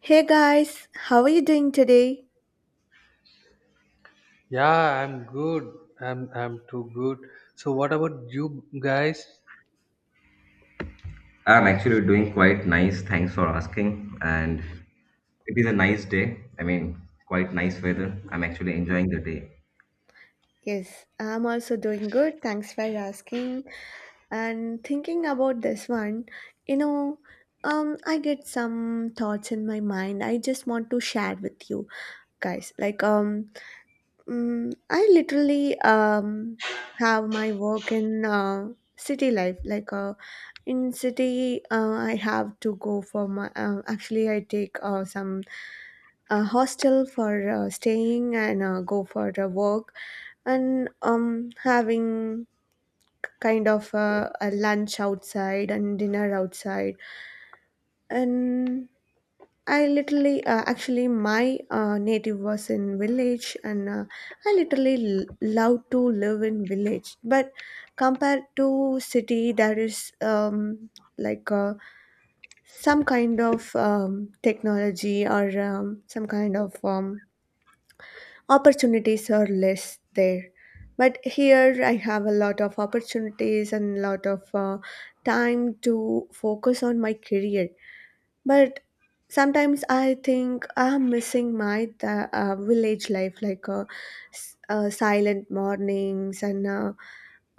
Hey guys, how are you doing today? Yeah, I'm good. I'm too good. So what about you guys? I'm actually doing quite nice. Thanks for asking. And it is a nice day. I mean, quite nice weather. I'm actually enjoying the day. Yes, I'm also doing good. Thanks for asking. And thinking about this one, you know, I get some thoughts in my mind. I just want to share with you guys. I literally have my work in city life. In city, I have to go for my. Actually, I take some hostel for staying and go for the work and having kind of a lunch outside and dinner outside. And I literally, actually, my native was in village, and I literally love to live in village. But compared to city, there is like uh, some kind of technology or some kind of opportunities are less there. But here, I have a lot of opportunities and a lot of time to focus on my career, but sometimes I think I'm missing my village life, like silent mornings and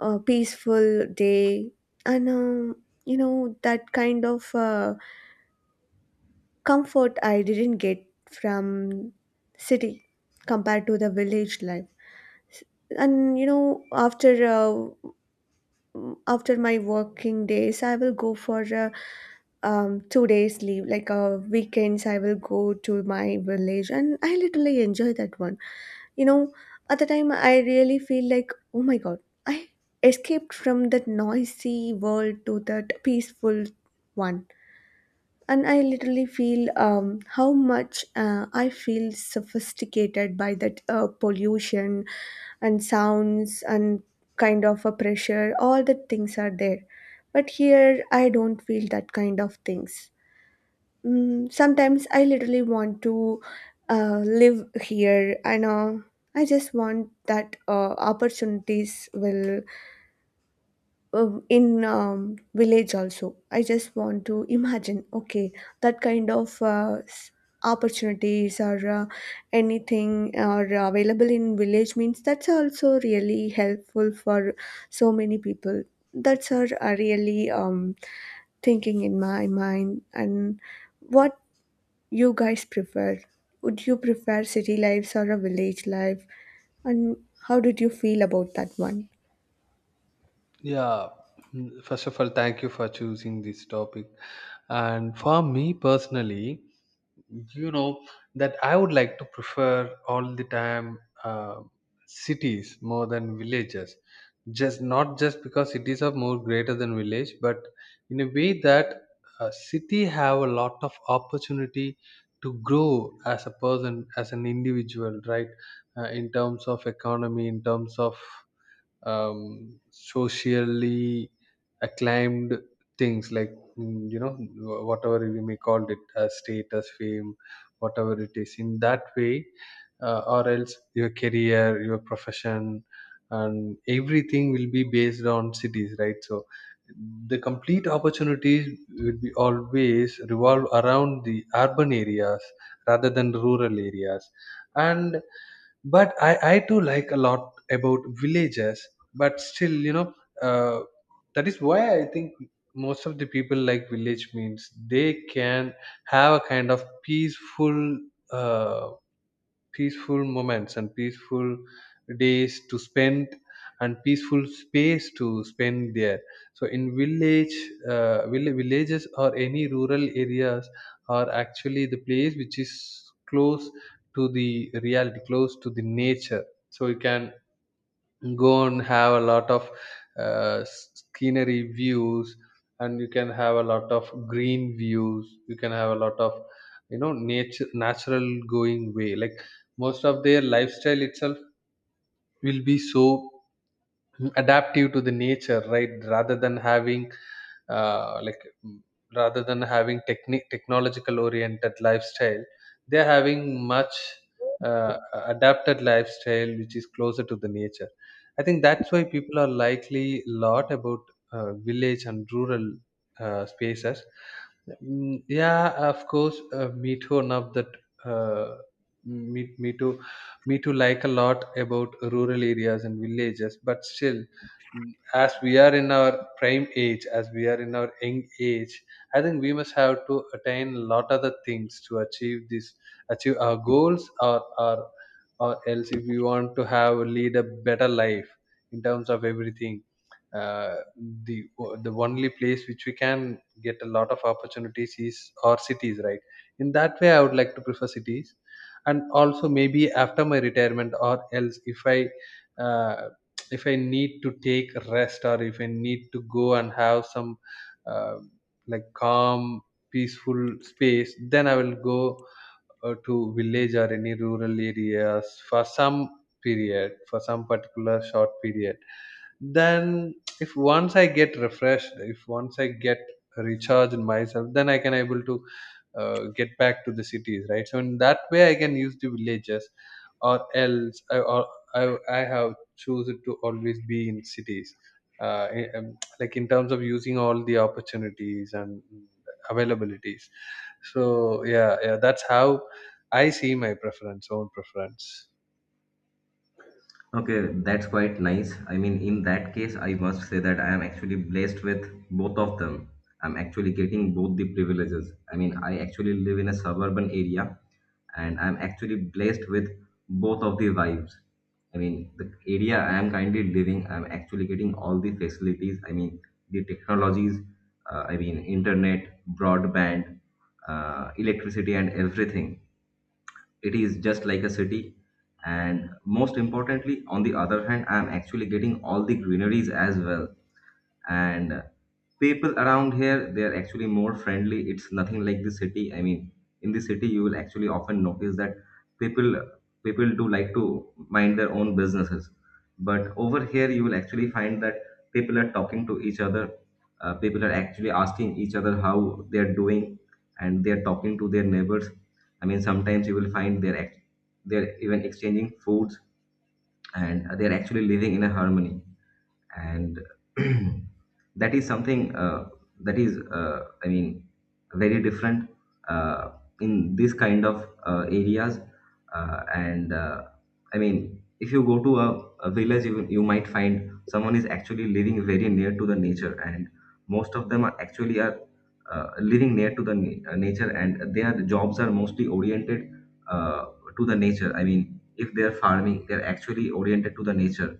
a peaceful day, and you know, that kind of comfort I didn't get from city compared to the village life. And you know, after my working days I will go for a 2 days leave, like weekends, I will go to my village and I literally enjoy that one. You know, at the time, I really feel like, oh my god, I escaped from that noisy world to that peaceful one. And I literally feel how much I feel sophisticated by that pollution and sounds and kind of a pressure, all the things are there. But here, I don't feel that kind of things. Sometimes I literally want to live here, and I just want that opportunities will in village also. I just want to imagine, okay, that kind of opportunities or anything are available in village means that's also really helpful for so many people. That's are really thinking in my mind. And what you guys prefer? Would you prefer city lives or a village life? And how did you feel about that one? Yeah. First of all, thank you for choosing this topic. And for me personally, you know that I would like to prefer all the time uh, cities more than villages, just not just because cities are more greater than village, but in a way that a city have a lot of opportunity to grow as a person, as an individual, right? In terms of economy, in terms of socially acclaimed things, like you know, whatever we may call it as status, fame, whatever it is. In that way, or else your career, your profession, and everything will be based on cities, right? So the complete opportunities will be always revolve around the urban areas rather than rural areas. And But I too like a lot about villages, but still, you know, uh, that is why I think most of the people like village means they can have a kind of peaceful. Uh, Peaceful moments and peaceful days to spend and peaceful space to spend there. So in village, villages or any rural areas are actually the place which is close to the reality, close to the nature. So you can go and have a lot of scenery views, and you can have a lot of green views, you can have a lot of, you know, nature, natural going way. Like most of their lifestyle itself will be so adaptive to the nature, right? Rather than having uh, like mm, rather than having technique technological oriented lifestyle, they're having much uh, adapted lifestyle which is closer to the nature. I think that's why people are likely a lot about village and rural spaces. Yeah, of course, me too enough that uh, me, me too me too like a lot about rural areas and villages, but still, mm, as we are in our prime age, as we are in our young age, I think we must have to attain a lot other things to achieve this, achieve our goals, or else if we want to have lead a better life in terms of everything. uh, the the only place which we can get a lot of opportunities is our cities, right? In that way, I would like to prefer cities. And also maybe after my retirement, or else if I uh, if I need to take rest, or if I need to go and have some uh, like calm, peaceful space, then I will go to village or any rural areas for some period, for some particular short period. Then if once I get refreshed, if once I get recharged in myself, then I can able to get back to the cities, right? So in that way, I can use the villages. Or else I or I have chosen to always be in cities, like in terms of using all the opportunities and availabilities. So yeah, yeah, that's how I see my preference, own preference. Okay, that's quite nice. I mean, in that case, I must say that I am actually blessed with both of them. I'm actually getting both the privileges. I mean, I actually live in a suburban area and I'm actually blessed with both of the vibes. I mean, the area I am currently living, I'm actually getting all the facilities. I mean, the technologies, I mean, internet, broadband, electricity, and everything, it is just like a city. And most importantly, on the other hand, I'm actually getting all the greeneries as well. And people around here, they are actually more friendly. It's nothing like the city. I mean, in the city you will actually often notice that people people do like to mind their own businesses, but over here you will actually find that people are talking to each other. People are actually asking each other how they are doing, and they are talking to their neighbors. I mean, sometimes you will find they're even exchanging foods and they're actually living in a harmony. And that is something that is, I mean, very different uh, in this kind of areas. And I mean, if you go to a village, you might find someone is actually living very near to the nature. And most of them are actually are living near to the nature, and their jobs are mostly oriented uh, to the nature. I mean, if they are farming, they are actually oriented to the nature.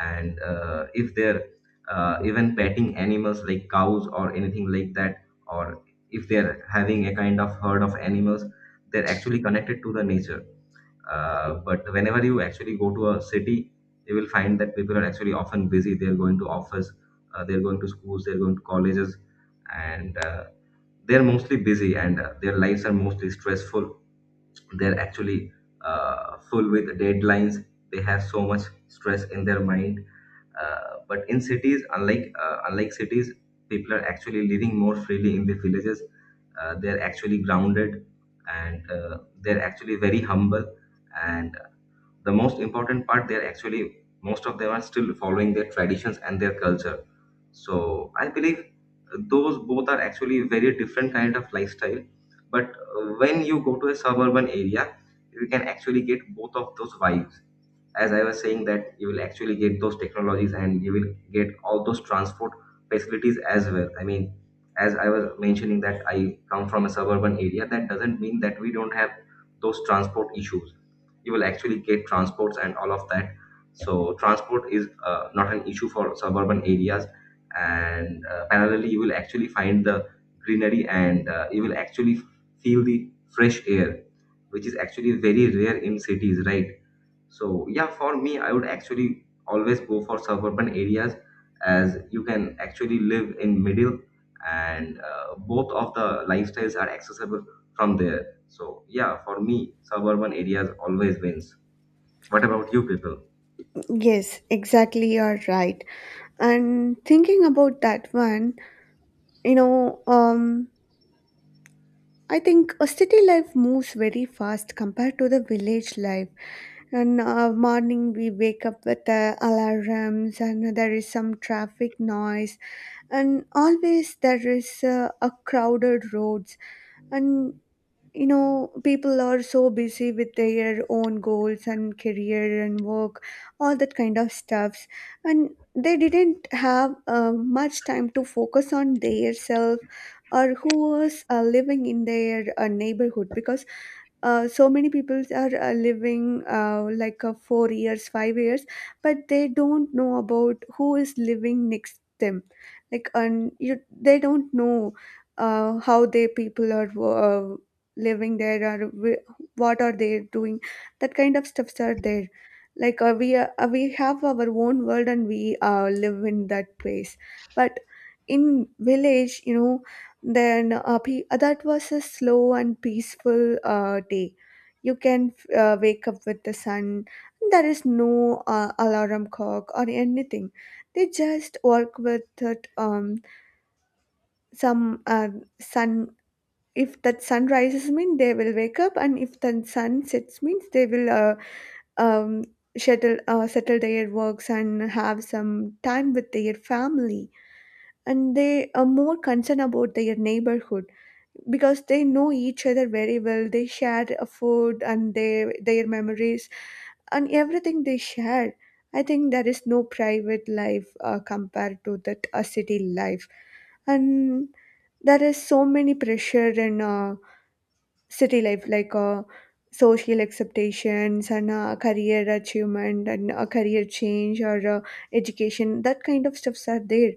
And if they're even petting animals like cows or anything like that, or if they're having a kind of herd of animals, they're actually connected to the nature. But whenever you actually go to a city, you will find that people are actually often busy. They're going to office, they're going to schools, they're going to colleges. And they're mostly busy, and their lives are mostly stressful. They're actually full with deadlines. They have so much stress in their mind. But in cities, unlike cities, people are actually living more freely in the villages. They are actually grounded, and they are actually very humble. And the most important part, they are actually most of them are still following their traditions and their culture. So I believe those both are actually very different kind of lifestyle. But when you go to a suburban area, you can actually get both of those vibes. As I was saying, that you will actually get those technologies and you will get all those transport facilities as well. I mean, as I was mentioning that I come from a suburban area, that doesn't mean that we don't have those transport issues. You will actually get transports and all of that. So transport is not an issue for suburban areas, and parallelly, you will actually find the greenery, and you will actually feel the fresh air, which is actually very rare in cities, right? So yeah, for me, I would actually always go for suburban areas, as you can actually live in middle, and both of the lifestyles are accessible from there. So yeah, for me, suburban areas always wins. What about you people? Yes, exactly, you're right. And thinking about that one, you know, um, I think a city life moves very fast compared to the village life. And morning we wake up with the alarms, and there is some traffic noise, and always there is a crowded roads, and you know people are so busy with their own goals and career and work, all that kind of stuffs, and they didn't have much time to focus on their self or who was living in their neighborhood, because so many people are living 4 years 5 years, but they don't know about who is living next them, like, and you they don't know how their people are living there or what are they doing. That kind of stuffs are there. We have our own world and we live in that place. But in village, you know, that was a slow and peaceful day. You can wake up with the sun. There is no alarm clock or anything. They just work with it, some sun. If that sun rises means they will wake up, and if the sun sets means they will um, settle their works and have some time with their family. And they are more concerned about their neighborhood because they know each other very well. They share a food and their memories and everything they share. I think there is no private life compared to that a city life. And there is so many pressure and city life, like social acceptations and career achievement and career change or education, that kind of stuffs are there.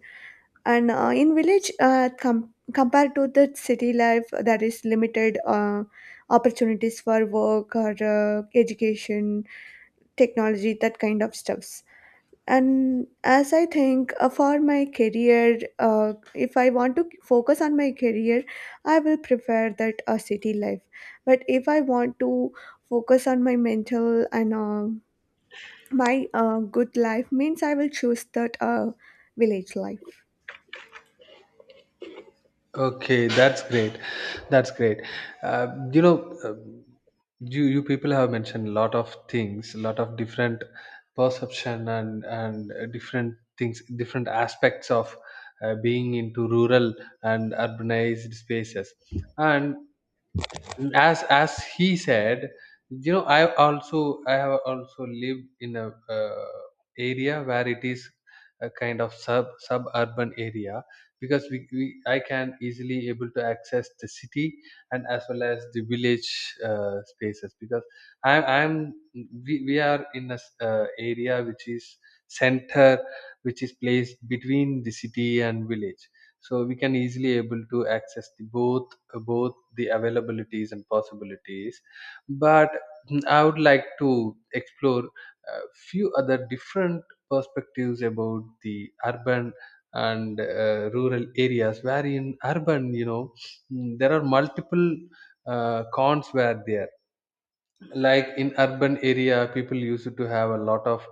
And in village compared to the city life, there is limited opportunities for work or education, technology, that kind of stuffs. And as I think, for my career, if I want to focus on my career, I will prefer that a city life. But if I want to focus on my mental and my good life, means I will choose that village life. Okay, that's great. That's great. Uh, you know, uh, you people have mentioned a lot of things, a lot of different perception and different things, different aspects of being into rural and urbanized spaces. And as he said, you know, I also, I have also lived in a area where it is a kind of suburban area, because we I can easily able to access the city, and as well as the village spaces. Because i i'm we are in a area which is center, which is placed between the city and village. So we can easily able to access the both, both the availabilities and possibilities. But I would like to explore a few other different perspectives about the urban and rural areas, where in urban, you know, there are multiple cons were there. Like in urban area, people used to have a lot of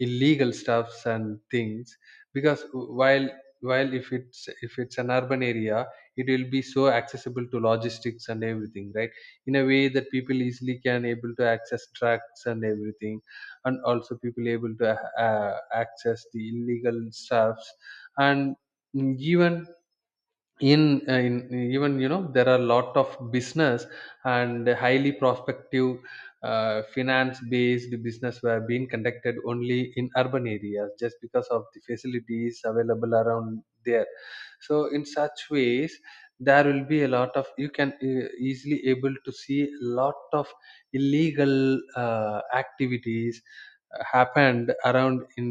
illegal stuffs and things, because while if it's an urban area, it will be so accessible to logistics and everything, right? In a way that people easily can able to access trucks and everything, and also people able to access the illegal stuffs. And even in even, you know, there are lot of business and highly prospective finance based business were being conducted only in urban areas just because of the facilities available around there. So in such ways, there will be a lot of, you can easily able to see a lot of illegal activities happened around in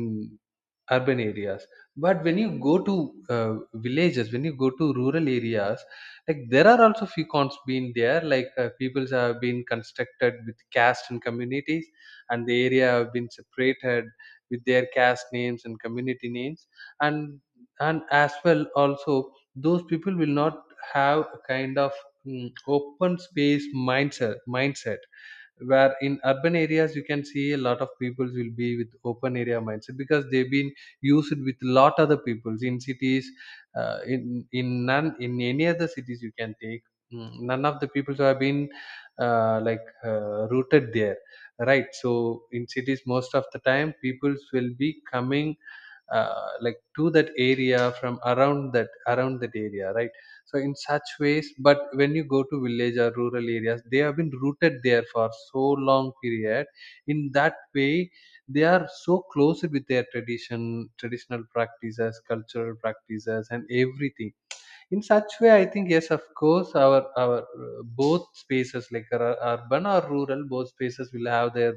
urban areas. But when you go to villages, when you go to rural areas, like there are also few cons being there, like peoples have been constructed with caste and communities, and the area have been separated with their caste names and community names. and and as well, also those people will not have a kind of open space mindset, where in urban areas you can see a lot of people will be with open area mindset, because they've been used with lot other peoples in cities. Uh, in in none in any other cities you can take, none of the people who have been rooted there, right? So in cities, most of the time people will be coming like to that area from around that area, right? So in such ways. But when you go to village or rural areas, they have been rooted there for so long period. In that way, they are so close with their traditional practices, cultural practices, and everything. In such way, I think yes, of course, our both spaces, like urban or rural, both spaces will have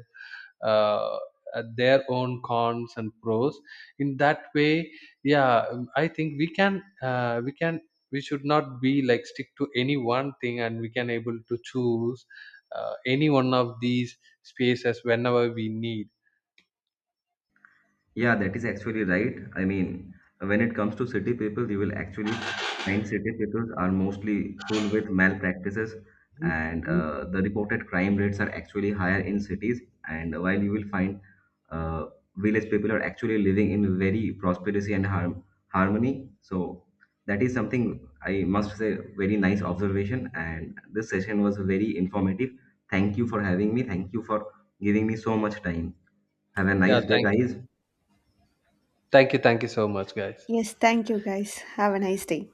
uh, their own cons and pros. In that way, yeah, I think we can, we should not be like stick to any one thing, and we can able to choose any one of these spaces whenever we need. Yeah, that is actually right. I mean, when it comes to city people, you will actually find city people are mostly full with malpractices, and the reported crime rates are actually higher in cities. And while you will find uh, village people are actually living in very prosperity and harmony. So that is something I must say, very nice observation. And this session was very informative. Thank you for having me. Thank you for giving me so much time. Have a Yeah, nice day, thank you. guys. Thank you so much, guys. Yes, thank you guys, have a nice day.